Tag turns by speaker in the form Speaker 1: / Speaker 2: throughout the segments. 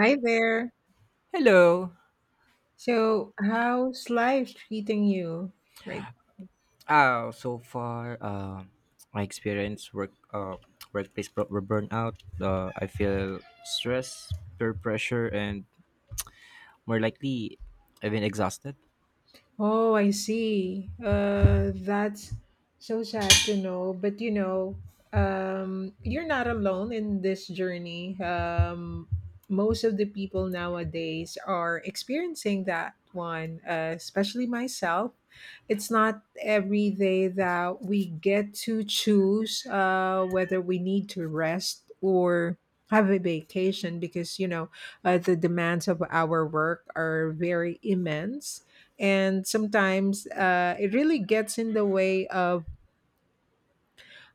Speaker 1: Hi there.
Speaker 2: Hello.
Speaker 1: So, how's life treating you right?
Speaker 2: So far, my experience work workplace burnout. I feel stress, peer pressure, and more likely, I've been exhausted.
Speaker 1: Oh, I see. That's so sad to know. But you know, you're not alone in this journey. Most of the people nowadays are experiencing that one, especially myself. It's not every day that we get to choose whether we need to rest or have a vacation because, the demands of our work are very immense, and sometimes it really gets in the way of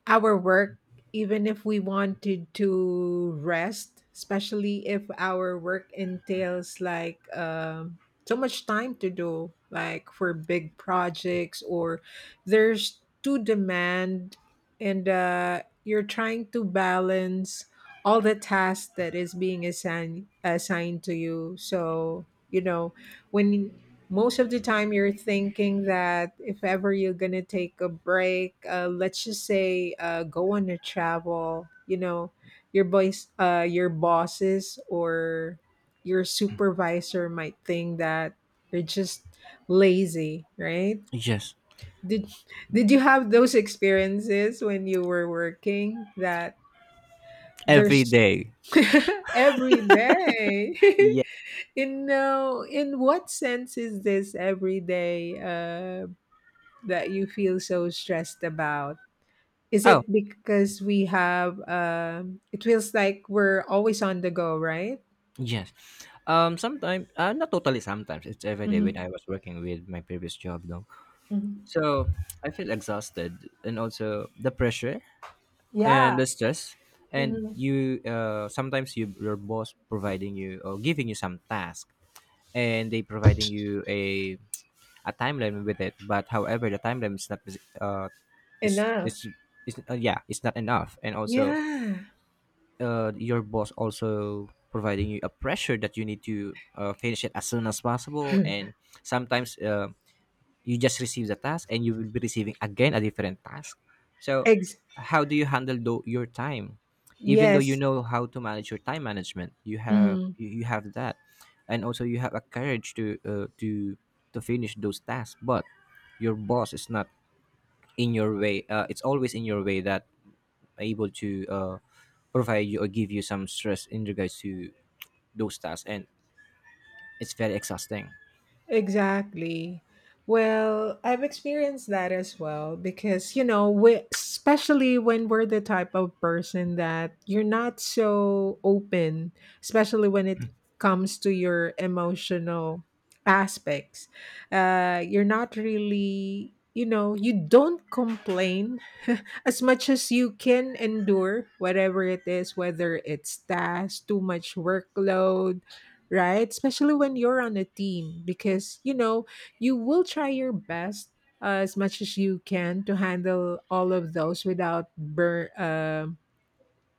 Speaker 1: our work, even if we wanted to rest, especially if our work entails like so much time to do, like for big projects, or there's too demand. And you're trying to balance all the tasks that is being assigned to you. So you know when most of the time you're thinking that if ever you're gonna take a break, let's just say go on a travel, your boys your bosses or your supervisor might think that you're just lazy, right?
Speaker 2: Yes,
Speaker 1: did did you have those experiences when you were working that
Speaker 2: every
Speaker 1: there's
Speaker 2: day.
Speaker 1: every day.
Speaker 2: Yeah.
Speaker 1: You know, in what sense is this everyday that you feel so stressed about? Is
Speaker 2: Oh,
Speaker 1: it because we have, it feels like we're always on the go, right?
Speaker 2: yes. Sometimes, not totally. Sometimes it's every day when
Speaker 1: Hmm.
Speaker 2: I was working with my previous job, though.
Speaker 1: Hmm.
Speaker 2: So I feel exhausted, and also the pressure and
Speaker 1: Yeah.
Speaker 2: the stress, and
Speaker 1: Hmm.
Speaker 2: you sometimes you, your boss providing you or giving you some task, and they providing you a timeline with it, but however the timeline is not uh is
Speaker 1: Enough.
Speaker 2: is yeah, it's not enough. And also
Speaker 1: Yeah.
Speaker 2: your boss also providing you a pressure that you need to finish it as soon as possible. And sometimes you just receive the task, and you will be receiving again a different task. So
Speaker 1: Ex-
Speaker 2: how do you handle your time, even though you
Speaker 1: yes.
Speaker 2: know how to manage your time management? You have
Speaker 1: Hmm.
Speaker 2: you have that. And also you have a courage to to finish those tasks, but your boss is not in your way. It's always in your way that able to provide you or give you some stress in regards to those tasks, and it's very exhausting.
Speaker 1: Exactly. Well, I've experienced that as well because, you know, we, especially when we're the type of person that you're not so open, especially when it comes to your emotional aspects. You're not really, you know, you don't complain as much as you can endure whatever it is, whether it's tasks, too much workload, right? Especially when you're on a team, because you know you will try your best as much as you can to handle all of those without burn,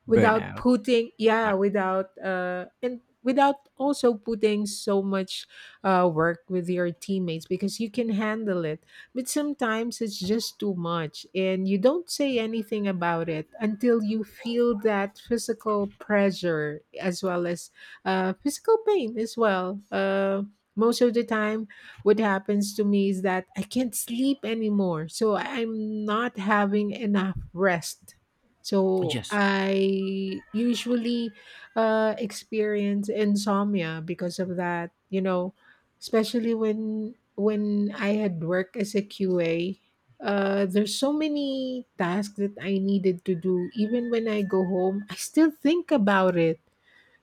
Speaker 1: without
Speaker 2: Burnout.
Speaker 1: putting, yeah,
Speaker 2: Ah,
Speaker 1: without and without also putting so much work with your teammates because you can handle it, but sometimes it's just too much and you don't say anything about it until you feel that physical pressure as well as physical pain as well. Most of the time what happens to me is that I can't sleep anymore, so I'm not having enough rest. So
Speaker 2: yes,
Speaker 1: I usually experience insomnia because of that, you know, especially when I had work as a QA. There's so many tasks that I needed to do. Even when I go home, I still think about it.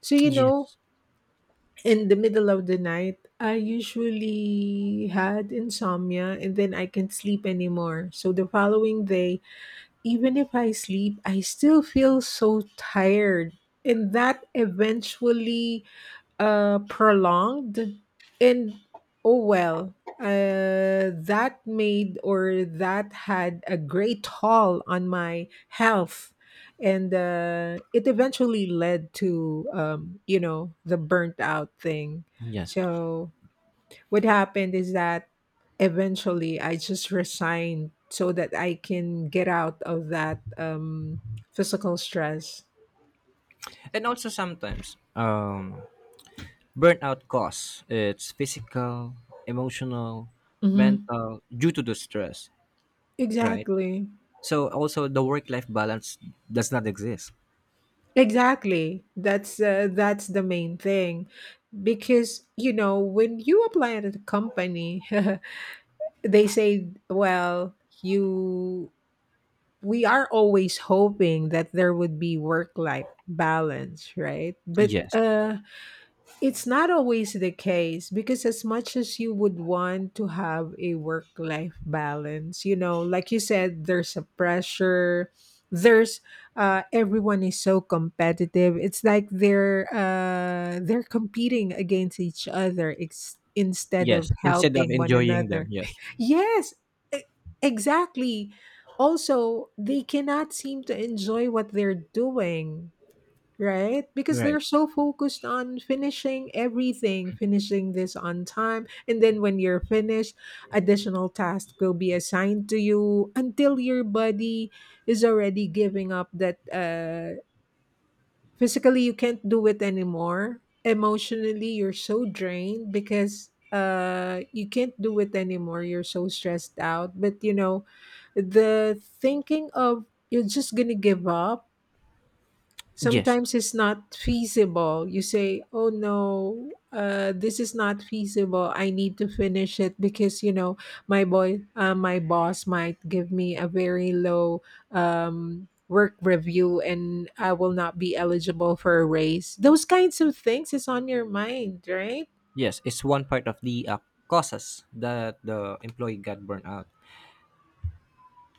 Speaker 1: So you know,
Speaker 2: yes,
Speaker 1: in the middle of the night, I usually had insomnia, and then I can't sleep anymore. So the following day, even if I sleep, I still feel so tired. And that eventually prolonged. And oh well, that made, or that had a great toll on my health. And it eventually led to, you know, the burnt out thing.
Speaker 2: yes.
Speaker 1: So what happened is that eventually I just resigned so that I can get out of that physical stress.
Speaker 2: And also sometimes burnout cause it's physical, emotional,
Speaker 1: Hmm.
Speaker 2: mental due to the stress, right?
Speaker 1: Exactly.
Speaker 2: So also the work-life balance does not exist.
Speaker 1: Exactly. That's the main thing because you know when you apply at a company, they say, well, you we are always hoping that there would be work life balance, right? But
Speaker 2: Yes.
Speaker 1: it's not always the case because, as much as you would want to have a work life balance, you know, like you said, there's a pressure. There's everyone is so competitive. It's like they're competing against each other ex- instead of
Speaker 2: Yes. Instead of
Speaker 1: helping one
Speaker 2: enjoying them,
Speaker 1: another.
Speaker 2: yes.
Speaker 1: Yes, e- exactly. Also, they cannot seem to enjoy what they're doing, right? Because
Speaker 2: Right.
Speaker 1: they're so focused on finishing everything, finishing this on time. And then when you're finished, additional tasks will be assigned to you until your body is already giving up, that physically you can't do it anymore. Emotionally, you're so drained because you can't do it anymore, you're so stressed out, but you know the thinking of you're just gonna give up
Speaker 2: Yes.
Speaker 1: sometimes it's not feasible. You say, "Oh no, this is not feasible. I need to finish it because you know my my boss might give me a very low work review, and I will not be eligible for a raise." Those kinds of things is on your mind, right?
Speaker 2: Yes. It's one part of the causes that the employee got burned out.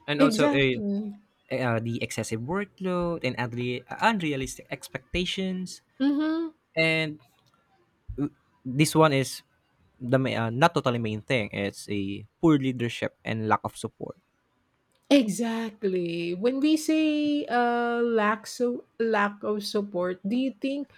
Speaker 2: And also
Speaker 1: Exactly.
Speaker 2: the excessive workload and unrealistic expectations.
Speaker 1: Mm-hmm.
Speaker 2: And this one is the not totally main thing. It's a poor leadership and lack of support.
Speaker 1: Exactly. When we say lack of support, do you think,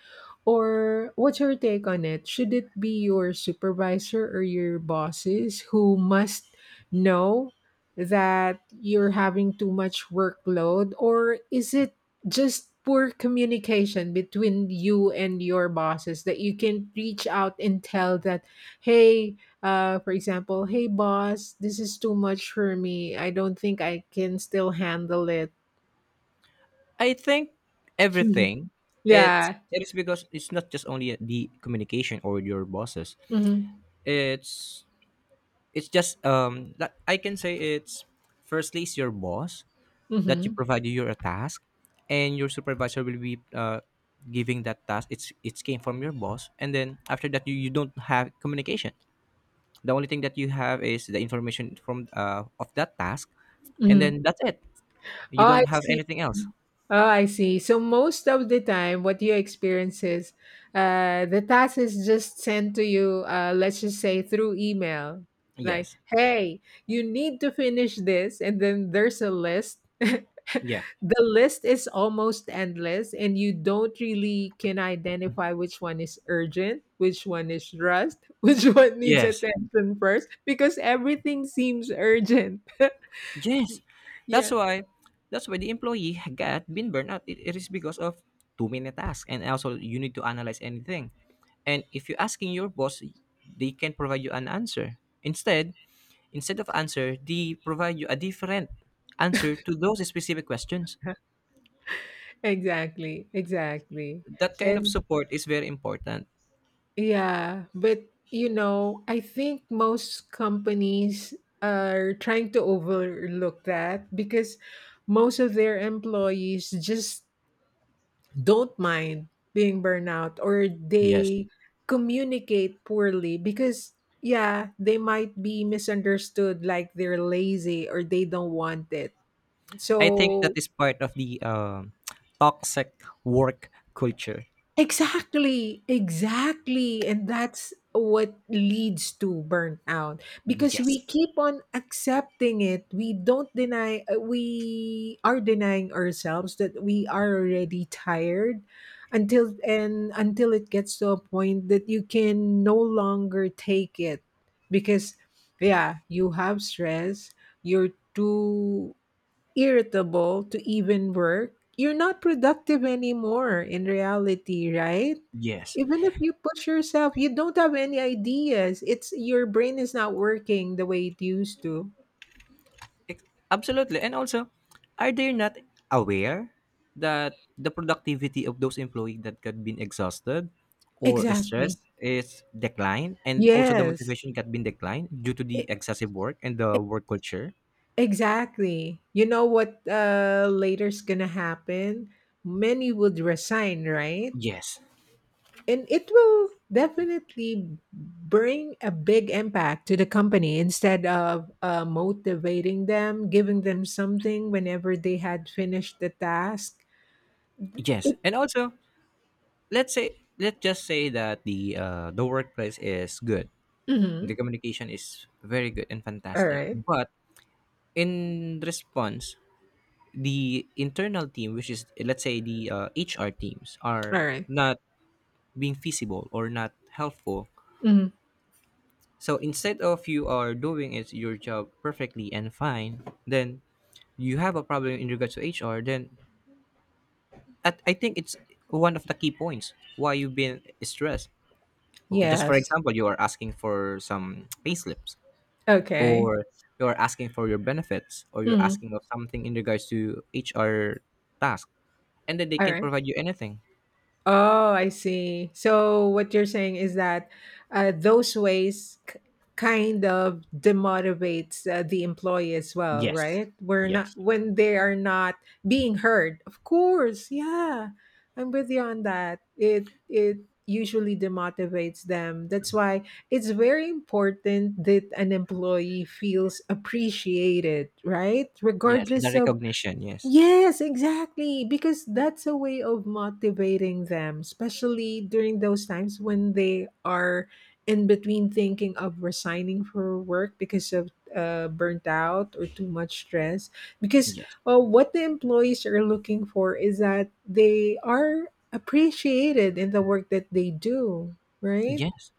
Speaker 1: or what's your take on it? Should it be your supervisor or your bosses who must know that you're having too much workload? Or is it just poor communication between you and your bosses that you can reach out and tell that, hey, for example, hey, boss, this is too much for me. I don't think I can still handle it.
Speaker 2: I think everything,
Speaker 1: Yeah.
Speaker 2: it is, because it's not just only the communication or your bosses.
Speaker 1: Mm-hmm.
Speaker 2: It's it's just that I can say it's firstly it's your boss that you
Speaker 1: Mm-hmm.
Speaker 2: provide you your task, and your supervisor will be giving that task. It's came from your boss, and then after that you don't have communication. The only thing that you have is the information from of that task, and
Speaker 1: Hmm.
Speaker 2: then that's it.
Speaker 1: Oh,
Speaker 2: You
Speaker 1: I
Speaker 2: don't have
Speaker 1: see.
Speaker 2: anything else.
Speaker 1: Oh, I see. So most of the time, what you experience is the task is just sent to you, let's just say through email. Like,
Speaker 2: Yes.
Speaker 1: hey, you need to finish this. And then there's a list. The
Speaker 2: Yeah.
Speaker 1: list is almost endless, and you don't really can identify which one is urgent, which one is rushed, which one needs
Speaker 2: Yes.
Speaker 1: attention first, because everything seems urgent. Y-
Speaker 2: Yes. That's
Speaker 1: yeah,
Speaker 2: why that's why the employee got been burned out. It is because of too many tasks, and also you need to analyze anything. And if you're asking your boss, they can provide you an answer. Instead, instead of answer, they provide you a different answer to those specific questions.
Speaker 1: exactly. Exactly.
Speaker 2: That kind of
Speaker 1: And
Speaker 2: support is very important.
Speaker 1: yeah, but you know, I think most companies are trying to overlook that because most of their employees just don't mind being burnout, or
Speaker 2: Yes.
Speaker 1: they communicate poorly because yeah, they might be misunderstood like they're lazy or they don't want it. Right.
Speaker 2: I think that
Speaker 1: So
Speaker 2: is part of the toxic work culture.
Speaker 1: exactly, exactly. And that's what leads to burnout because we
Speaker 2: Yes.
Speaker 1: keep on accepting it. We don't deny, we are denying ourselves that we are already tired until and until it gets to a point that you can no longer take it because yeah, you have stress, you're too irritable to even work, you're not productive anymore in reality, right?
Speaker 2: Yes.
Speaker 1: Even if you push yourself, you don't have any ideas. It's your brain is not working the way it used to.
Speaker 2: Ex- Absolutely. And also, are they not aware that the productivity of those employees that got been exhausted or
Speaker 1: Exactly.
Speaker 2: stressed is declined, and also the
Speaker 1: Yes.
Speaker 2: motivation got been declined due to the
Speaker 1: E-
Speaker 2: excessive work and the work culture?
Speaker 1: exactly. You know what later's going to happen? Many would resign, right?
Speaker 2: Yes.
Speaker 1: And it will definitely bring a big impact to the company instead of motivating them, giving them something whenever they had finished the task.
Speaker 2: Yes.
Speaker 1: It,
Speaker 2: And also, let's just say that the workplace is good. The
Speaker 1: mhm.
Speaker 2: communication is very good and
Speaker 1: All
Speaker 2: fantastic.
Speaker 1: right.
Speaker 2: But in response, the internal team, which is let's say the HR teams,
Speaker 1: All
Speaker 2: are
Speaker 1: right.
Speaker 2: not being feasible or not helpful.
Speaker 1: Mhm.
Speaker 2: So instead of you are doing is your job perfectly and fine, then you have a problem in regards to HR, then at, I think it's one of the key points why you've been stressed. Just for
Speaker 1: Yes.
Speaker 2: example, you are asking for some payslips,
Speaker 1: Okay.
Speaker 2: or you're asking for your benefits, or you're
Speaker 1: Mhm.
Speaker 2: asking of something in regards to HR task, and then they
Speaker 1: All
Speaker 2: can
Speaker 1: right.
Speaker 2: provide you anything.
Speaker 1: Oh, I see. So what you're saying is that those ways k- kind of demotivates the employee as well,
Speaker 2: Yes.
Speaker 1: right? We're not,
Speaker 2: Yes.
Speaker 1: when they are not being heard. Of course, yeah, I'm with you on that. It usually demotivates them. That's why it's very important that an employee feels appreciated, right?
Speaker 2: Yes, the
Speaker 1: Regardless of,
Speaker 2: recognition, yes.
Speaker 1: yes, exactly. Because that's a way of motivating them, especially during those times when they are in between thinking of resigning for work because of burnt out or too much stress. Because
Speaker 2: Yes.
Speaker 1: what the employees are looking for is that they are appreciated in the work that they do, right?
Speaker 2: Yes.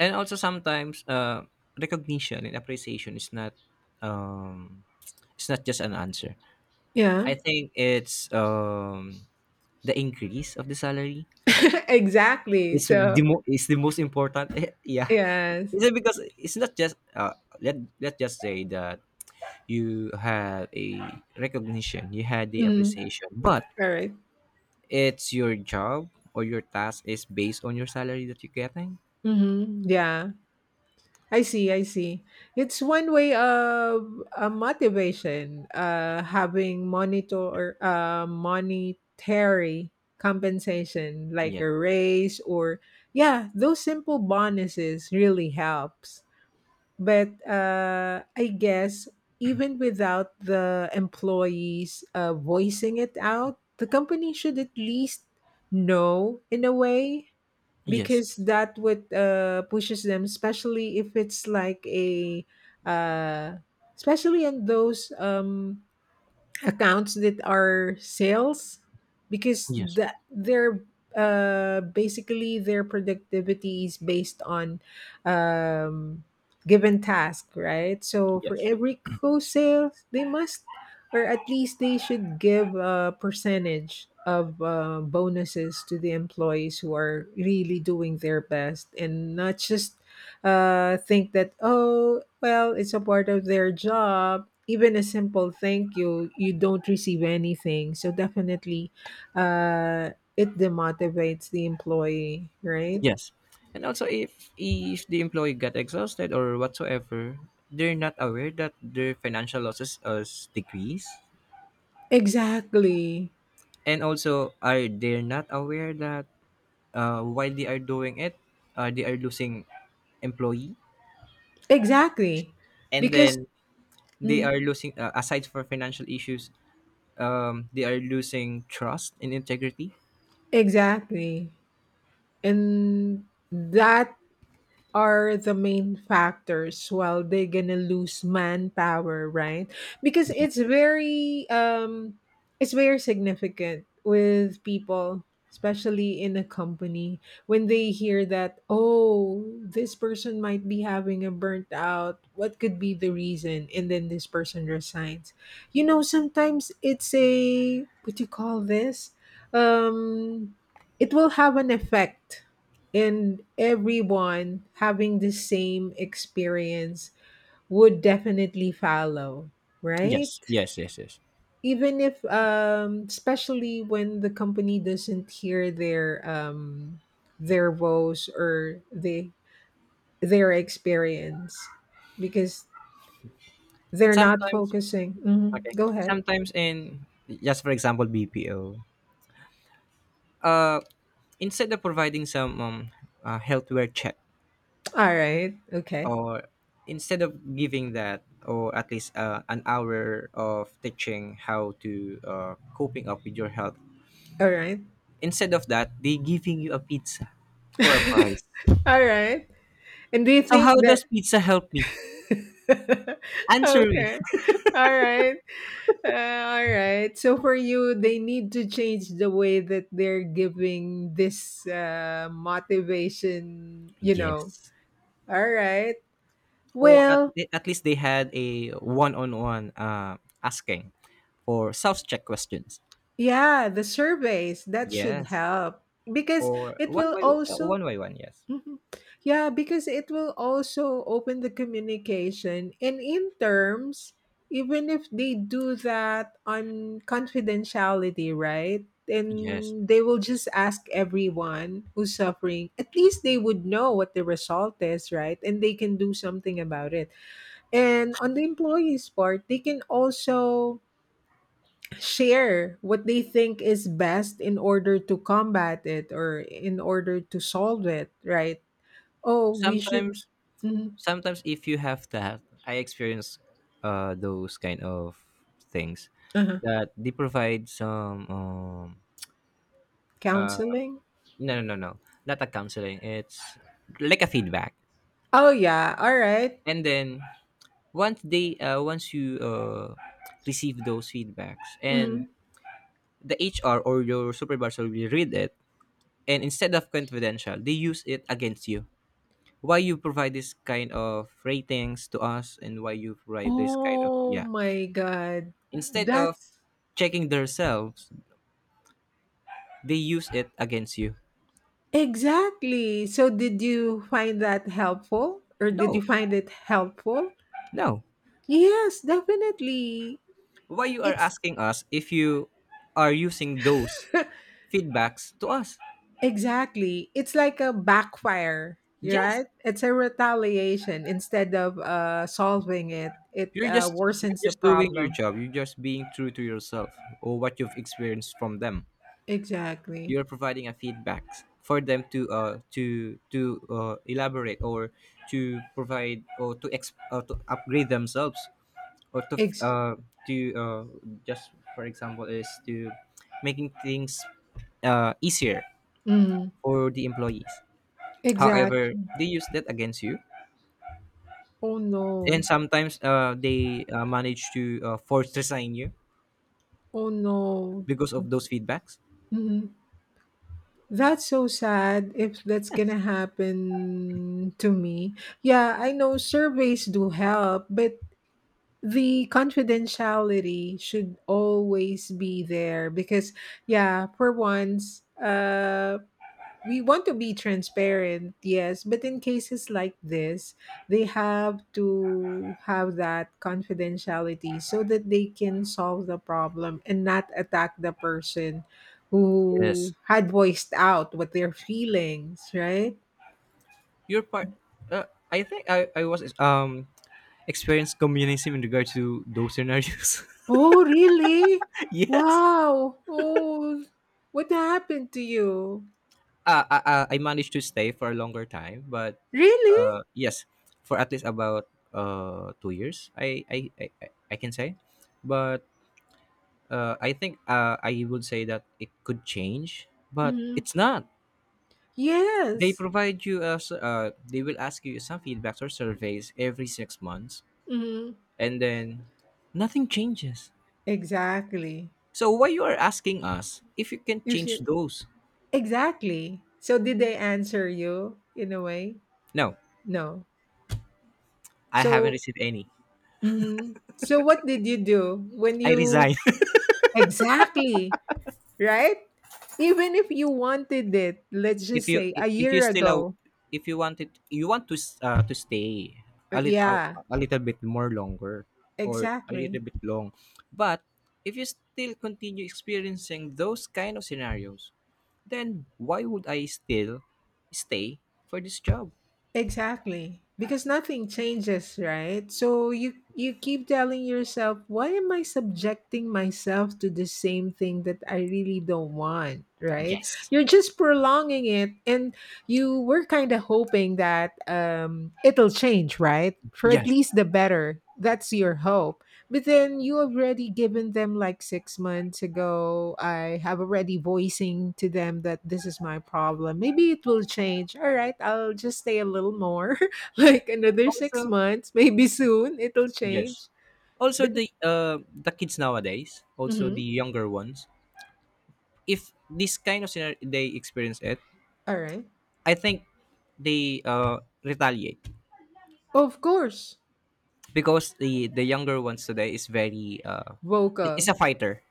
Speaker 2: And also sometimes recognition and appreciation is not um it's not just an answer.
Speaker 1: Yeah,
Speaker 2: I think it's the increase of the salary.
Speaker 1: exactly.
Speaker 2: It's the
Speaker 1: So,
Speaker 2: It's the most important. Yeah.
Speaker 1: yes.
Speaker 2: Is it because it's not just let let's just say that you had a recognition, you had the
Speaker 1: Mm,
Speaker 2: appreciation, but
Speaker 1: all right.
Speaker 2: it's your job or your task is based on your salary that you're getting.
Speaker 1: Mm-hmm. Yeah. I see, I see. It's one way of motivation, having monitor monetary compensation like
Speaker 2: Yes,
Speaker 1: a raise, or yeah, those simple bonuses really helps. But I guess even without the employees voicing it out, the company should at least know in a way,
Speaker 2: yes,
Speaker 1: because that would pushes them, especially if it's like a uh, especially in those accounts that are sales, because
Speaker 2: yes,
Speaker 1: that they're basically their productivity is based on um, given task, right? So for
Speaker 2: yes,
Speaker 1: every co-sales, they must, or at least they should give a percentage of bonuses to the employees who are really doing their best and not just think that oh well it's a part of their job, even a simple thank you, you don't receive anything. So definitely uh, it demotivates the employee, right?
Speaker 2: yes. And also, if the employee got exhausted or whatsoever, they're not aware that their financial losses has decreased,
Speaker 1: Exactly,
Speaker 2: and also are they're not aware that while they are doing it, they are losing employee.
Speaker 1: exactly,
Speaker 2: And
Speaker 1: because
Speaker 2: then they
Speaker 1: mhm,
Speaker 2: are losing aside for financial issues they are losing trust and integrity.
Speaker 1: exactly, and that are the main factors while they're gonna lose manpower, right? Because
Speaker 2: Yes,
Speaker 1: it's very significant with people, especially in a company, when they hear that oh this person might be having a burnt out, what could be the reason, and then this person resigns, you know, sometimes it's a, what do you call this, um it will have an effect, and everyone having the same experience would definitely follow,
Speaker 2: yes,
Speaker 1: right?
Speaker 2: yes, yes, yes.
Speaker 1: Even if especially when the company doesn't hear their woes or the their experience, because they're not
Speaker 2: Sometimes,
Speaker 1: focusing. Mhm.
Speaker 2: okay,
Speaker 1: Go ahead.
Speaker 2: sometimes in just for example BPO, uh, instead of providing some healthware check,
Speaker 1: All right, okay.
Speaker 2: or instead of giving that, or at least an hour of teaching how to coping up with your health,
Speaker 1: All right.
Speaker 2: instead of that they giving you a pizza for a price.
Speaker 1: All right. And do you
Speaker 2: So
Speaker 1: think
Speaker 2: how
Speaker 1: that
Speaker 2: does pizza help me? Answer me.
Speaker 1: okay. All right. Uh, all right. So for you, they need to change the way that they're giving this motivation, you know.
Speaker 2: Yes.
Speaker 1: All right.
Speaker 2: Or
Speaker 1: Well,
Speaker 2: at least they had a one-on-one asking for self-check questions.
Speaker 1: yeah, the surveys that should
Speaker 2: Yes.
Speaker 1: help because
Speaker 2: Or
Speaker 1: it
Speaker 2: one
Speaker 1: will
Speaker 2: by
Speaker 1: also,
Speaker 2: one by one, yes.
Speaker 1: mhm. Yeah, because it will also open the communication. And in terms, even if they do that on confidentiality, right?
Speaker 2: Yes.
Speaker 1: And they will just ask everyone who's suffering, at least they would know what the result is, right? And they can do something about it. And on the employees' part, they can also share what they think is best in order to combat it or in order to solve it, right? Oh, we should
Speaker 2: Sometimes,
Speaker 1: mhm,
Speaker 2: sometimes if you have that, I experience those kind of things
Speaker 1: uh-huh.
Speaker 2: that they provide some uh,
Speaker 1: Counseling?
Speaker 2: no no no no, not a counseling, it's like a feedback.
Speaker 1: Oh, yeah, alright.
Speaker 2: And then once they once you receive those feedbacks, and
Speaker 1: Mhm.
Speaker 2: the HR or your supervisor will read it, and instead of confidential, they use it against you. Why you provide this kind of ratings to us, and why you provide this kind of,
Speaker 1: Oh
Speaker 2: yeah.
Speaker 1: my god.
Speaker 2: Instead of
Speaker 1: That's
Speaker 2: checking themselves, they use it against you.
Speaker 1: exactly. So did you find that helpful or did you
Speaker 2: No.
Speaker 1: find it helpful?
Speaker 2: No.
Speaker 1: Yes, definitely.
Speaker 2: Why you are
Speaker 1: It's
Speaker 2: asking us if you are using those feedbacks to us?
Speaker 1: exactly. It's like a backfire,
Speaker 2: Yes.
Speaker 1: right? It's a retaliation instead of solving it. It
Speaker 2: You're just you're
Speaker 1: worsens the
Speaker 2: just doing your
Speaker 1: problem.
Speaker 2: job. You're just being true to yourself or what you've experienced from them.
Speaker 1: Exactly.
Speaker 2: You're providing a feedback for them to elaborate, or to provide, or to upgrade themselves, or to
Speaker 1: Ex-
Speaker 2: to uh, just for example is to making things easier
Speaker 1: mhm.
Speaker 2: for the employees. However,
Speaker 1: Exactly.
Speaker 2: they use that against you,
Speaker 1: Oh
Speaker 2: and
Speaker 1: no.
Speaker 2: sometimes they manage to force resign you
Speaker 1: Oh no.
Speaker 2: because of those feedbacks.
Speaker 1: hmm That's so sad if that's
Speaker 2: Yes.
Speaker 1: gonna happen to me. Yeah, I know surveys do help, but the confidentiality should always be there because yeah, for once, we want to be transparent, yes, but in cases like this, they have to have that confidentiality so that they can solve the problem and not attack the person who
Speaker 2: Yes.
Speaker 1: had voiced out what their feelings, right?
Speaker 2: Your part. Uh, I think I was experience communism in regard to those scenarios.
Speaker 1: Oh, really?
Speaker 2: Yes,
Speaker 1: Wow. Oh, what happened to you?
Speaker 2: I managed to stay for a longer time, but
Speaker 1: Really?
Speaker 2: yes, for at least about two years, I can say, but I think I would say that it could change, but
Speaker 1: Hmm
Speaker 2: it's not. They
Speaker 1: Yes.
Speaker 2: provide you as they will ask you some feedbacks or surveys every six months,
Speaker 1: hmm
Speaker 2: and then nothing changes.
Speaker 1: Exactly.
Speaker 2: So why you are asking us if you can
Speaker 1: You see.
Speaker 2: change those?
Speaker 1: Exactly. So did they answer you in a way?
Speaker 2: No,
Speaker 1: No.
Speaker 2: I haven't
Speaker 1: So
Speaker 2: received any.
Speaker 1: mhm. So what did you do when
Speaker 2: I
Speaker 1: you
Speaker 2: resign.
Speaker 1: exactly, right? Even if you wanted it, let's
Speaker 2: If
Speaker 1: just
Speaker 2: you
Speaker 1: say a year
Speaker 2: still
Speaker 1: ago.
Speaker 2: if you want it, you want to to stay a little a,
Speaker 1: Yeah,
Speaker 2: a little bit more longer, or a
Speaker 1: exactly.
Speaker 2: little bit long. But if you still continue experiencing those kind of scenarios, then why would I still stay for this job?
Speaker 1: Exactly. Because nothing changes, right? So you keep telling yourself, why am I subjecting myself to the same thing that I really don't want, right?
Speaker 2: Yes.
Speaker 1: You're just prolonging it and you were kind of hoping that it'll change, right? For at
Speaker 2: Yes.
Speaker 1: least the better. That's your hope. But then you already given them like 6 months ago. I have already voicing to them that this is my problem. Maybe it will change. All right, I'll just stay a little more, like another six
Speaker 2: Also,
Speaker 1: months. Maybe soon it'll
Speaker 2: yes.
Speaker 1: change.
Speaker 2: Also
Speaker 1: But
Speaker 2: the kids nowadays, also the
Speaker 1: mhm,
Speaker 2: younger ones, if this kind of scenario they experience it,
Speaker 1: all right,
Speaker 2: I think they retaliate
Speaker 1: of course,
Speaker 2: because the younger ones today is very is
Speaker 1: vocal.
Speaker 2: a fighter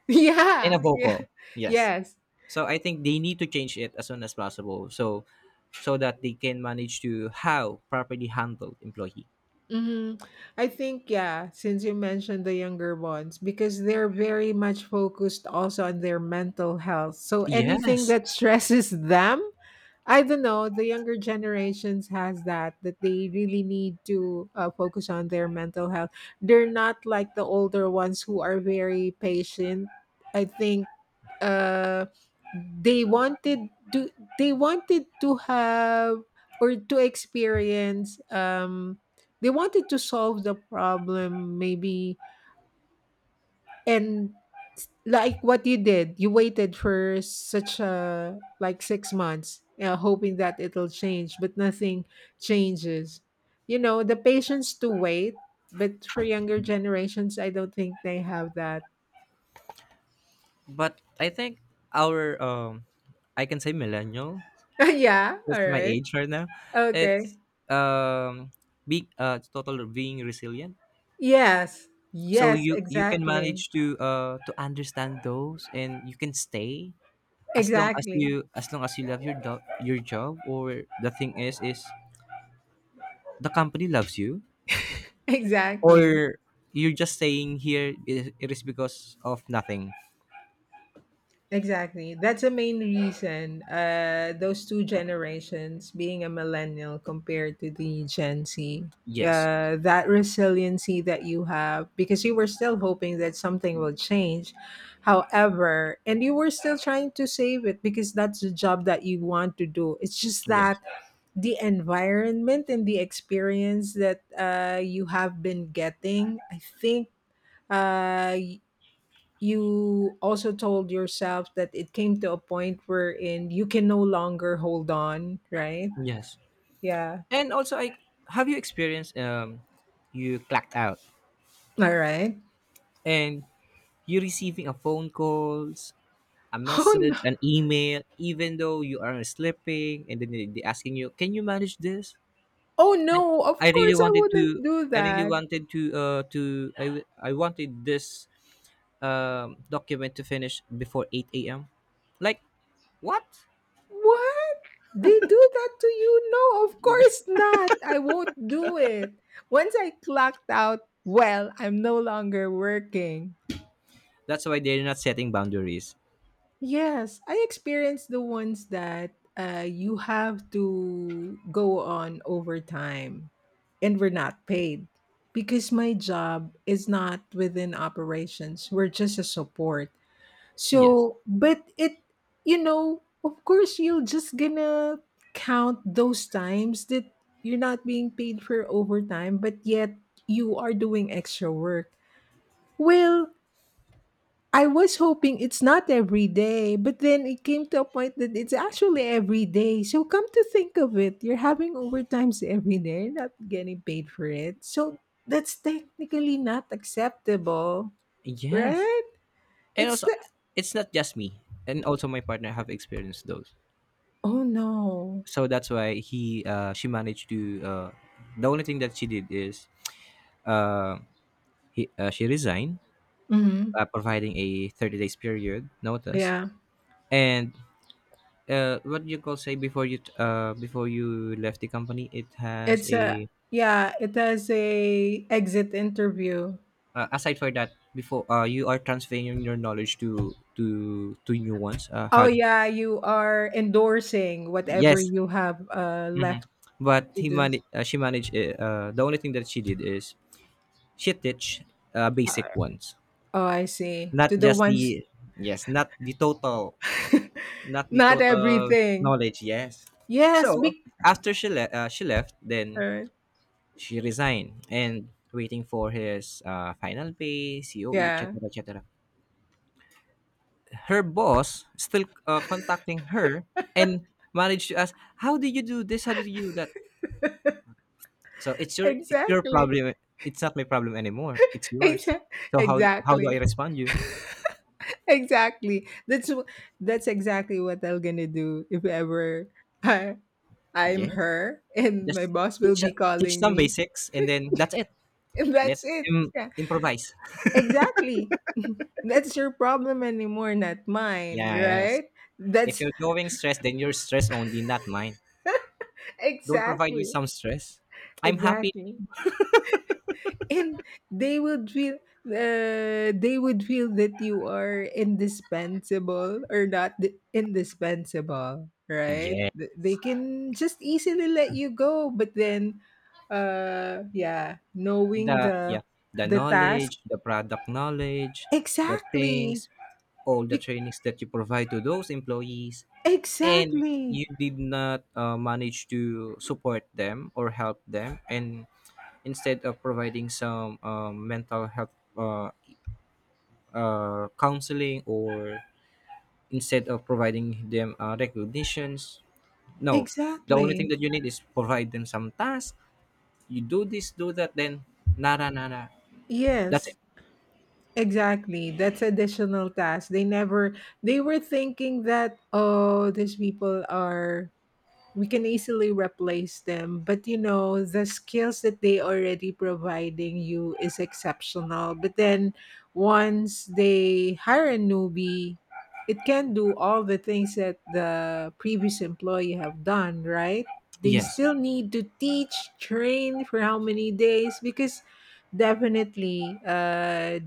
Speaker 2: and a
Speaker 1: Yeah, yeah,
Speaker 2: vocal. Yes.
Speaker 1: yes.
Speaker 2: So I think they need to change it as soon as possible. So so that they can manage to how properly handle employee.
Speaker 1: Mhm. I think yeah, since you mentioned the younger ones because they're very much focused also on their mental health. So anything
Speaker 2: Yes,
Speaker 1: that stresses them I don't know. The younger generations has that that they really need to focus on their mental health. They're not like the older ones who are very patient. I think uh, they wanted to they wanted to have or to experience. They wanted to solve the problem maybe and like what you did you waited for such a like 6 months hoping that it'll change but nothing changes you know the patience to wait but for younger generations I don't think they have that
Speaker 2: but I think our I can say millennial.
Speaker 1: yeah all
Speaker 2: It's my
Speaker 1: right
Speaker 2: age right now.
Speaker 1: okay
Speaker 2: It's um, be total being resilient.
Speaker 1: yes
Speaker 2: So
Speaker 1: yes
Speaker 2: you can manage
Speaker 1: exactly
Speaker 2: to understand those, and you can stay as long as you,
Speaker 1: exactly
Speaker 2: as long as you love your job, or the thing is the company loves you,
Speaker 1: exactly.
Speaker 2: or you're just staying here. It is because of nothing.
Speaker 1: Exactly. That's the main reason. Those two generations, being a millennial compared to the Gen Z,
Speaker 2: Yes.
Speaker 1: that resiliency that you have, because you were still hoping that something will change. However, and you were still trying to save it because that's the job that you want to do. It's just
Speaker 2: Yes.
Speaker 1: that the environment and the experience that you have been getting, I think. Uh, you also told yourself that it came to a point wherein you can no longer hold on, right?
Speaker 2: Yes.
Speaker 1: Yeah.
Speaker 2: And also, I, have you experienced you clacked out?
Speaker 1: All right.
Speaker 2: And you're receiving a phone calls, a
Speaker 1: Oh no.
Speaker 2: message, an email, even though you are sleeping, and then they asking you, "Can you manage this?"
Speaker 1: Oh
Speaker 2: Like,
Speaker 1: no, of
Speaker 2: I really
Speaker 1: course I
Speaker 2: wanted to,
Speaker 1: wouldn't do
Speaker 2: I really
Speaker 1: that.
Speaker 2: wanted to, I wanted this document to finish before eight a.m. Like what?
Speaker 1: What? They do that to you? No, of course not. I won't do it. Once I clocked out, well, I'm no longer working.
Speaker 2: That's why they're not setting boundaries.
Speaker 1: Yes, I experienced the ones that you have to go on overtime and we're not paid because my job is not within operations. We're just a support.
Speaker 2: Yes.
Speaker 1: So, but you know, of course, you're just gonna count those times that you're not being paid for overtime, but yet you are doing extra work. Well, I was hoping it's not every day, but then it came to a point that it's actually every day. So come to think of it, you're having overtimes every day, you're not getting paid for it. So that's technically not acceptable,
Speaker 2: Yes.
Speaker 1: right?
Speaker 2: And
Speaker 1: It's
Speaker 2: also,
Speaker 1: the
Speaker 2: it's not just me, and also my partner have experienced those.
Speaker 1: oh no.
Speaker 2: So that's why he she managed to the only thing that she did is uh, she resigned,
Speaker 1: hmm
Speaker 2: providing a 30 days period notice.
Speaker 1: Yeah.
Speaker 2: And what do you call say, before you before you left the company, it has
Speaker 1: It's a
Speaker 2: a
Speaker 1: yeah, it has a exit interview.
Speaker 2: aside for that, before you are transferring your knowledge to new ones,
Speaker 1: Oh
Speaker 2: how.
Speaker 1: yeah, you are endorsing whatever
Speaker 2: Yes.
Speaker 1: you have
Speaker 2: Hmm.
Speaker 1: left
Speaker 2: But
Speaker 1: to
Speaker 2: he
Speaker 1: do.
Speaker 2: managed she managed the only thing that she did is she teach
Speaker 1: Uh,
Speaker 2: basic ones.
Speaker 1: Oh, I see.
Speaker 2: Not
Speaker 1: To the
Speaker 2: just the,
Speaker 1: ones
Speaker 2: yes, not the total, not the
Speaker 1: Not
Speaker 2: total
Speaker 1: everything.
Speaker 2: knowledge, yes. So,
Speaker 1: Yes, big
Speaker 2: after she left, then
Speaker 1: turn.
Speaker 2: she resigned and waiting for his final pay, COE, et
Speaker 1: Yeah.
Speaker 2: cetera, et cetera. Her boss still contacting her and managed to ask, "How did you do this? How did you do that?" So it's your
Speaker 1: Exactly.
Speaker 2: problem. It's not my problem anymore. It's yours.
Speaker 1: Exa-
Speaker 2: So how do I
Speaker 1: Exactly.
Speaker 2: respond you?
Speaker 1: Exactly. That's wh- that's exactly what I'm gonna do if ever I I'm
Speaker 2: Yes,
Speaker 1: her and my
Speaker 2: just
Speaker 1: boss will
Speaker 2: teach
Speaker 1: be
Speaker 2: teach
Speaker 1: calling
Speaker 2: some
Speaker 1: me.
Speaker 2: basics, and then that's it.
Speaker 1: And
Speaker 2: Let
Speaker 1: that's it.
Speaker 2: him
Speaker 1: Yeah.
Speaker 2: improvise.
Speaker 1: Exactly. That's your problem anymore, not mine,
Speaker 2: Yeah, yes.
Speaker 1: right?
Speaker 2: If
Speaker 1: That's
Speaker 2: you're going stress, then you're stress only, not mine. Don't provide me
Speaker 1: exactly.
Speaker 2: some stress. I'm happy.
Speaker 1: Exactly. And they would feel they would feel that you are indispensable or not d- indispensable right.
Speaker 2: Yeah.
Speaker 1: Th- they can just easily let you go but then yeah knowing
Speaker 2: The yeah. The
Speaker 1: the task
Speaker 2: knowledge, the product knowledge, the
Speaker 1: exactly
Speaker 2: things, all the
Speaker 1: Be-
Speaker 2: trainings that you provide to those employees, and you
Speaker 1: exactly
Speaker 2: did not manage to support them or help them, and instead of providing some mental health counseling, or instead of providing them recognitions. No, the only thing
Speaker 1: exactly
Speaker 2: that you need is provide them some task. You do this, do that, then nara nara. That's
Speaker 1: yes
Speaker 2: it.
Speaker 1: exactly that's additional task they never they were thinking that oh these people are we can easily replace them but you know the skills that they already providing you is exceptional but then once they hire a newbie it can do all the things that the previous employee have done right they
Speaker 2: Yes,
Speaker 1: still need to teach train for how many days because definitely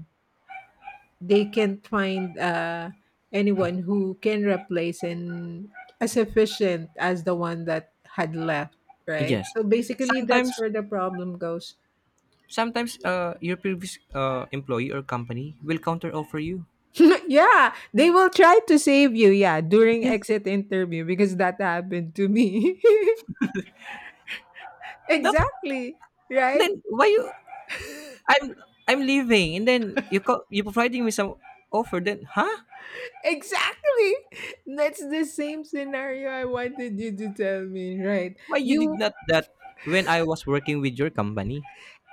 Speaker 1: they can't find anyone who can replace and as efficient as the one that had left right
Speaker 2: yes.
Speaker 1: so basically that's
Speaker 2: Sometimes,
Speaker 1: where the problem goes.
Speaker 2: sometimes, your previous employee or company will counter offer you.
Speaker 1: Yeah they will try to save you yeah during
Speaker 2: Yes,
Speaker 1: exit interview because that happened to me
Speaker 2: that's,
Speaker 1: exactly right
Speaker 2: then why you I'm I'm leaving, and then you providing me some offer, then, huh?
Speaker 1: exactly that's the same scenario I wanted you to tell me right
Speaker 2: Why you did
Speaker 1: you.
Speaker 2: not that when I was working with your company?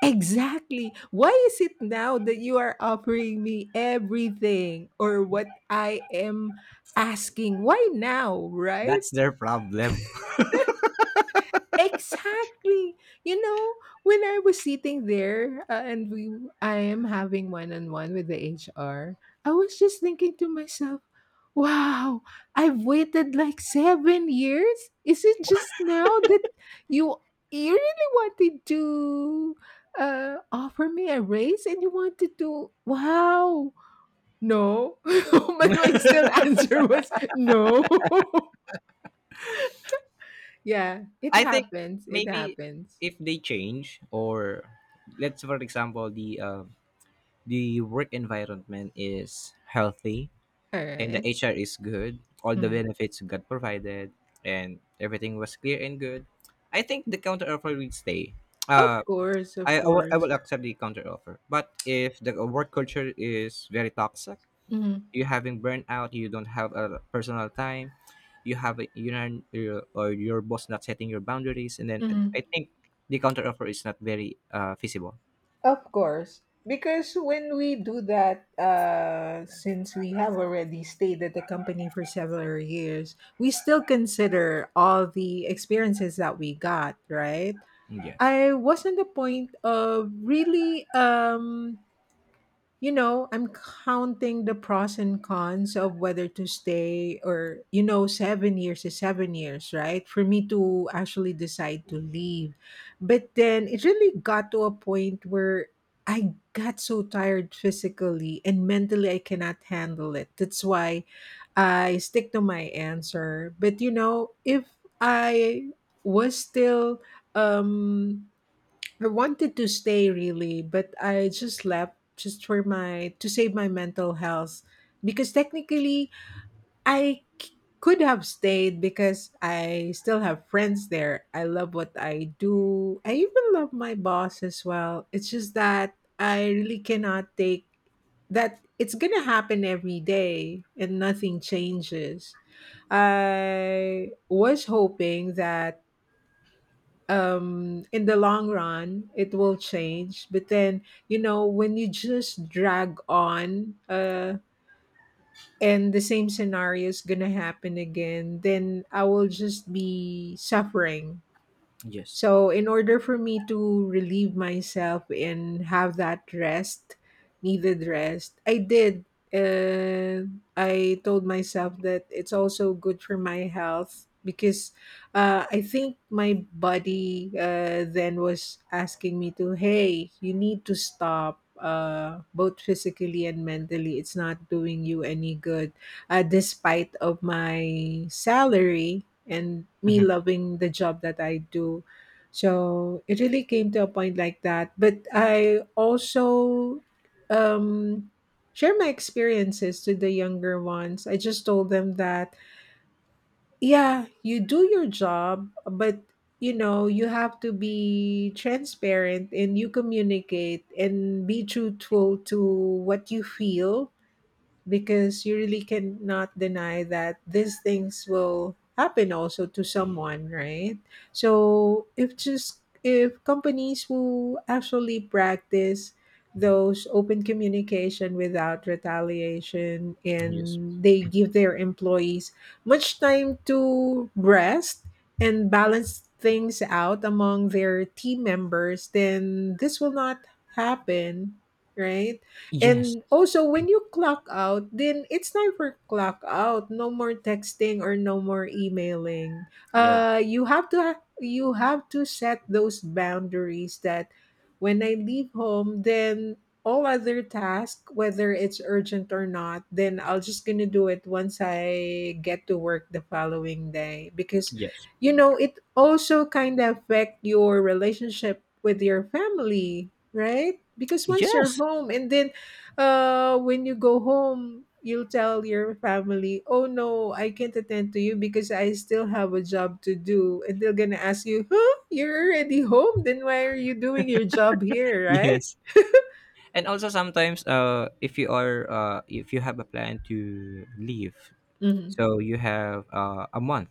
Speaker 1: Exactly. Why is it now that you are offering me everything or what I am asking? Why now, right?
Speaker 2: That's their problem.
Speaker 1: Exactly. You know, when I was sitting there and we I am having one-on-one with the HR, I was just thinking to myself, "Wow, I've waited like 7 years. Is it just now that you you really wanted to offer me a raise and you wanted to Wow. No." but my still answer was no. Yeah, it
Speaker 2: I think
Speaker 1: happens. It
Speaker 2: maybe
Speaker 1: happens.
Speaker 2: if they change, or let's for example the work environment is healthy
Speaker 1: All
Speaker 2: and the
Speaker 1: right.
Speaker 2: HR is good, all the
Speaker 1: Mhm.
Speaker 2: benefits got provided and everything was clear and good, I think the counter offer will stay.
Speaker 1: Of
Speaker 2: Uh
Speaker 1: course, of
Speaker 2: I, I will I
Speaker 1: course.
Speaker 2: will accept the counter offer. But if the work culture is very toxic,
Speaker 1: Mhm,
Speaker 2: you having burnout, you don't have a personal time, you have a, or your boss not setting your boundaries, and then I
Speaker 1: mhm.
Speaker 2: think the counter offer is not very feasible.
Speaker 1: Of course. Because when we do that, since we have already stayed at the company for several years, we still consider all the experiences that we got, right?
Speaker 2: Yes.
Speaker 1: I was on the point of really you know, I'm counting the pros and cons of whether to stay or, you know, 7 years is 7 years, right? For me to actually decide to leave. But then it really got to a point where I got so tired physically and mentally I cannot handle it. That's why I stick to my answer. But, you know, if I was still um I wanted to stay really, but I just left just for my to save my mental health because technically I c- could have stayed because I still have friends there. I love what I do. I even love my boss as well. It's just that I really cannot take that it's going to happen every day and nothing changes. I was hoping that in the long run it will change but then you know when you just drag on and the same scenario is gonna happen again then I will just be suffering
Speaker 2: Yes.
Speaker 1: so, in order for me to relieve myself and have that rest, needed rest, I did. And I told myself that it's also good for my health because I think my body then was asking me to, hey, you need to stop. Both physically and mentally, it's not doing you any good. Despite of my salary and me
Speaker 2: Mhm.
Speaker 1: loving the job that I do, so it really came to a point like that. But I also um, share my experiences to the younger ones. I just told them that, yeah, you do your job, but you know, you have to be transparent and you communicate and be truthful to what you feel because you really cannot deny that these things will happen also to someone right so if just if companies will actually practice those open communication without retaliation
Speaker 2: Yes.
Speaker 1: and they give their employees much time to rest and balance things out among their team members then this will not happen right
Speaker 2: Yes.
Speaker 1: and also, when you clock out, then it's time for clock out. No more texting or no more emailing.
Speaker 2: Yes.
Speaker 1: You have to ha- you have to set those boundaries that when I leave home, then all other tasks, whether it's urgent or not, then I'll just gonna do it once I get to work the following day because
Speaker 2: Yes.
Speaker 1: you know it also kind of affect your relationship with your family, right? Because once you're
Speaker 2: Yes.
Speaker 1: home and then when you go home you'll tell your family oh no I can't attend to you because I still have a job to do and they're gonna ask you huh you're already home then why are you doing your job here right
Speaker 2: Yes. And also sometimes, if you have a plan to leave,
Speaker 1: mm-hmm.
Speaker 2: so you have a month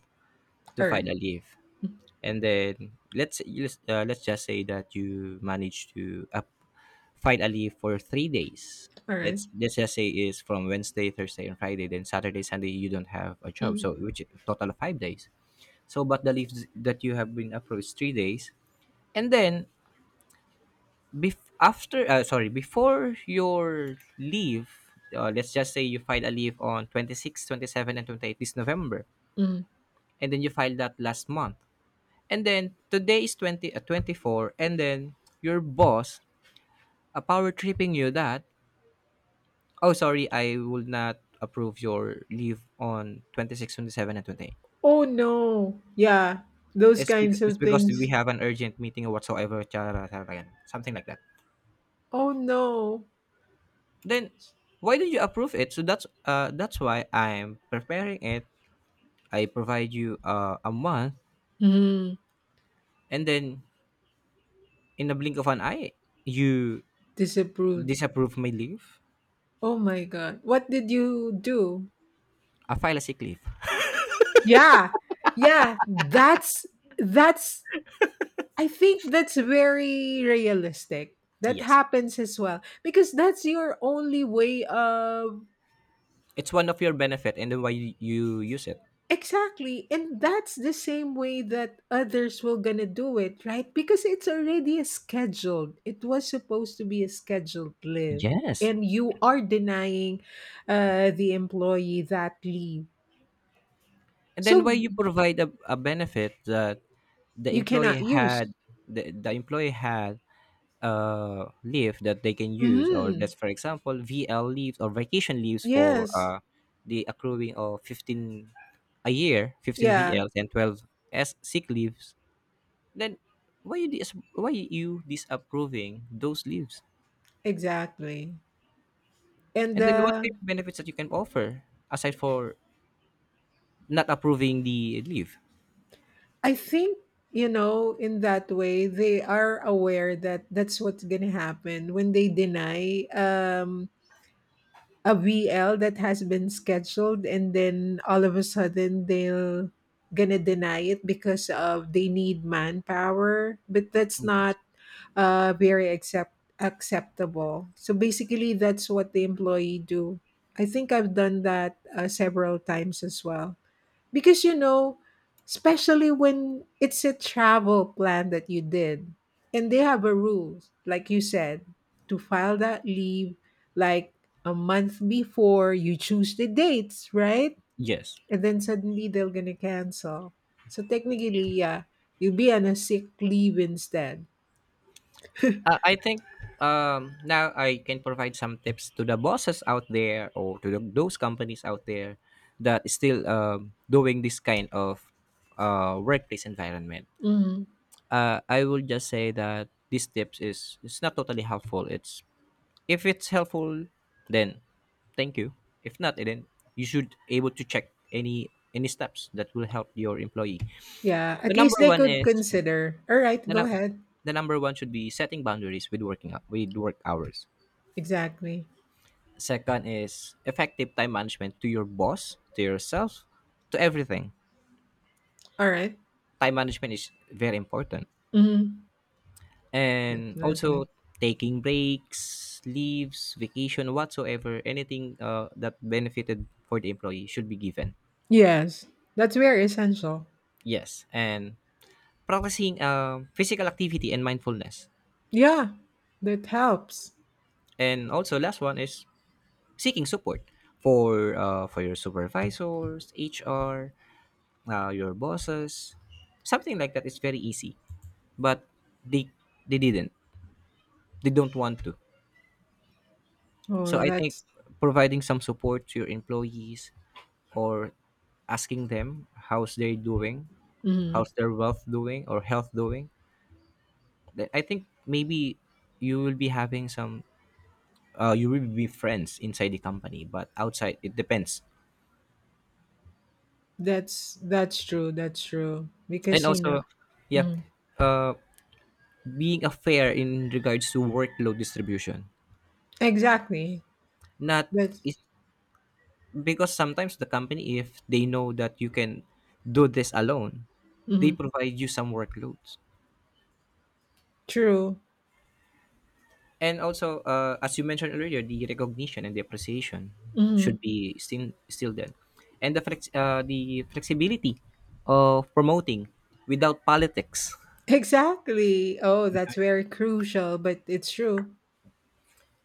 Speaker 2: to
Speaker 1: All right
Speaker 2: file a leave, and then let's just say that you manage to up finally for 3 days.
Speaker 1: all right
Speaker 2: Let's just say is from Wednesday, Thursday, and Friday, then Saturday, Sunday you don't have a job, so
Speaker 1: mm-hmm.
Speaker 2: which is total of 5 days. So but the leaves that you have been approved is 3 days, and then after, sorry, before your leave, let's just say you file a leave on 26, 27, and 28 this November,
Speaker 1: Mm-hmm.
Speaker 2: and then you filed that last month. And then today is 20 24, and then your boss power tripping you that, "Oh, sorry, I will not approve your leave on 26, 27 and 28.
Speaker 1: Oh no yeah those
Speaker 2: It's because,
Speaker 1: kinds of things
Speaker 2: we have an urgent meeting or whatsoever, charara, charara, yan, something like that."
Speaker 1: oh no
Speaker 2: Then why did you approve it? So that's why I'm preparing it. I provide you a month,
Speaker 1: mm,
Speaker 2: and then in the blink of an eye you
Speaker 1: disapproved
Speaker 2: disapprove my leave.
Speaker 1: oh my god what did you do
Speaker 2: I file a sick leave.
Speaker 1: yeah yeah that's that's I think that's very realistic. That
Speaker 2: Yes.
Speaker 1: happens as well because that's your only way of
Speaker 2: It's one of your benefit, and then why you use it.
Speaker 1: exactly and that's the same way that others will gonna do it right because it's already a scheduled it was supposed to be a scheduled leave
Speaker 2: Yes.
Speaker 1: and you are denying the employee that leave
Speaker 2: And then
Speaker 1: so
Speaker 2: why you provide a benefit that the
Speaker 1: you cannot
Speaker 2: employee
Speaker 1: use
Speaker 2: had the employee had leave that they can use, or
Speaker 1: hmm
Speaker 2: that's, for example, VL leaves or vacation leaves for
Speaker 1: yes
Speaker 2: the accruing of 15 a year, 15
Speaker 1: yeah
Speaker 2: VLs and 12 s sick leaves, then why you disapproving those leaves,
Speaker 1: exactly and
Speaker 2: and then what kind of benefits that you can offer, aside for not approving the leave?
Speaker 1: I think, you know, in that way, they are aware that that's what's going to happen when they deny a VL that has been scheduled and then all of a sudden they'll going to deny it because of they need manpower. But that's not
Speaker 2: Yes.
Speaker 1: very accept- acceptable. So basically, that's what the employee do. I think I've done that several times as well. Because you know, especially when it's a travel plan that you did and they have a rule, like you said, to file that leave like a month before you choose the dates, right?
Speaker 2: Yes.
Speaker 1: And then suddenly they're gonna cancel. So technically, yeah, you'll be on a sick leave instead.
Speaker 2: I think, now I can provide some tips to the bosses out there, or to those companies out there that is still doing this kind of workplace environment.
Speaker 1: Hmm
Speaker 2: I will just say that these tips is, it's not totally helpful. It's If it's helpful, then thank you. If not, eh, then you should able to check any steps that will help your employee.
Speaker 1: Yeah,
Speaker 2: The
Speaker 1: at least
Speaker 2: number
Speaker 1: they
Speaker 2: one
Speaker 1: could
Speaker 2: is
Speaker 1: consider. All right,
Speaker 2: The,
Speaker 1: go
Speaker 2: num-
Speaker 1: ahead.
Speaker 2: the number one should be setting boundaries with with work hours.
Speaker 1: Exactly.
Speaker 2: Second is effective time management, to your boss, to yourself, to everything.
Speaker 1: All right.
Speaker 2: Time management is very important.
Speaker 1: Mm-hmm.
Speaker 2: And also
Speaker 1: Definitely.
Speaker 2: taking breaks, leaves, vacation, whatsoever, anything that benefited for the employee should be given.
Speaker 1: Yes, that's very essential.
Speaker 2: Yes, and practicing physical activity and mindfulness.
Speaker 1: Yeah, that helps.
Speaker 2: And also last one is seeking support for your supervisors, HR, your bosses, something like that. It's very easy, but they they didn't. They don't want to. So
Speaker 1: Oh,
Speaker 2: I think
Speaker 1: that's
Speaker 2: providing some support to your employees, or asking them how's they doing,
Speaker 1: mhm.
Speaker 2: how's their wealth doing or health doing. Then I think maybe you will be having some. You will be friends inside the company, but outside it depends.
Speaker 1: That's true. That's true
Speaker 2: And
Speaker 1: because you know
Speaker 2: also, yeah,
Speaker 1: mhm.
Speaker 2: uh, being a fair in regards to workload distribution.
Speaker 1: exactly.
Speaker 2: Not
Speaker 1: That's
Speaker 2: is because sometimes the company, if they know that you can do this alone, they
Speaker 1: mhm.
Speaker 2: provide you some workloads.
Speaker 1: true.
Speaker 2: And also, as you mentioned earlier, the recognition and the appreciation should
Speaker 1: Mhm.
Speaker 2: be still there, and the flexibility of promoting without politics.
Speaker 1: Exactly. Oh, that's very crucial, but it's true.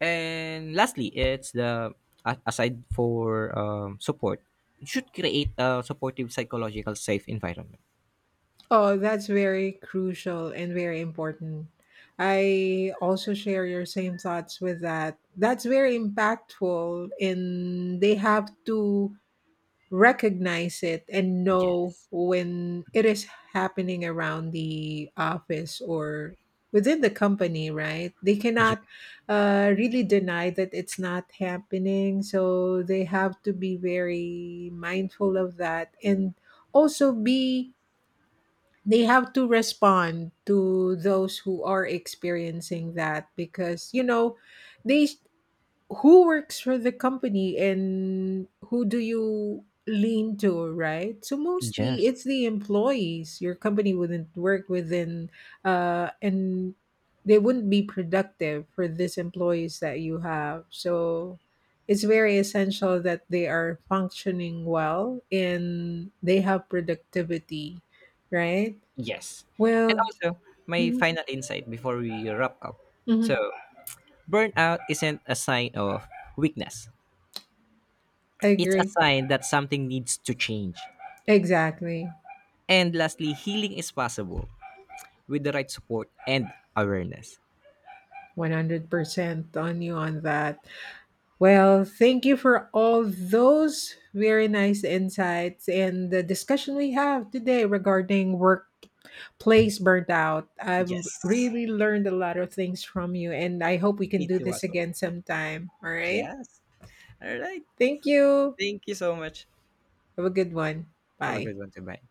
Speaker 2: And lastly, it's aside for support, you should create a supportive, psychological, safe environment.
Speaker 1: Oh, that's very crucial and very important. I also share your same thoughts with that. That's very impactful, and they have to recognize it and know
Speaker 2: Yes.
Speaker 1: when it is happening around the office or within the company right they
Speaker 2: Ye-
Speaker 1: cannot really deny that it's not happening so they have to be very mindful of that and also be they have to respond to those who are experiencing that because you know they who works for the company and who do you lean to right so mostly
Speaker 2: Yes.
Speaker 1: it's the employees your company wouldn't work within and they wouldn't be productive for these employees that you have so it's very essential that they are functioning well and they have productivity right
Speaker 2: Yes. And
Speaker 1: well
Speaker 2: also, my
Speaker 1: mhm,
Speaker 2: final insight before we wrap up. So,
Speaker 1: mhm,
Speaker 2: burnout isn't a sign of weakness,
Speaker 1: I
Speaker 2: it's a
Speaker 1: agree
Speaker 2: sign that something needs to change.
Speaker 1: exactly
Speaker 2: And lastly, healing is possible with the right support and awareness.
Speaker 1: 100% on you on that. Well, thank you for all those very nice insights and the discussion we have today regarding workplace burnout. I've
Speaker 2: Yes.
Speaker 1: really learned a lot of things from you, and I hope we can
Speaker 2: Me
Speaker 1: do
Speaker 2: too,
Speaker 1: this
Speaker 2: as well.
Speaker 1: again sometime. All right.
Speaker 2: Yes. All right.
Speaker 1: Thank you.
Speaker 2: Thank you so much.
Speaker 1: Have a good one.
Speaker 2: Have a
Speaker 1: Bye.
Speaker 2: good one too. Bye.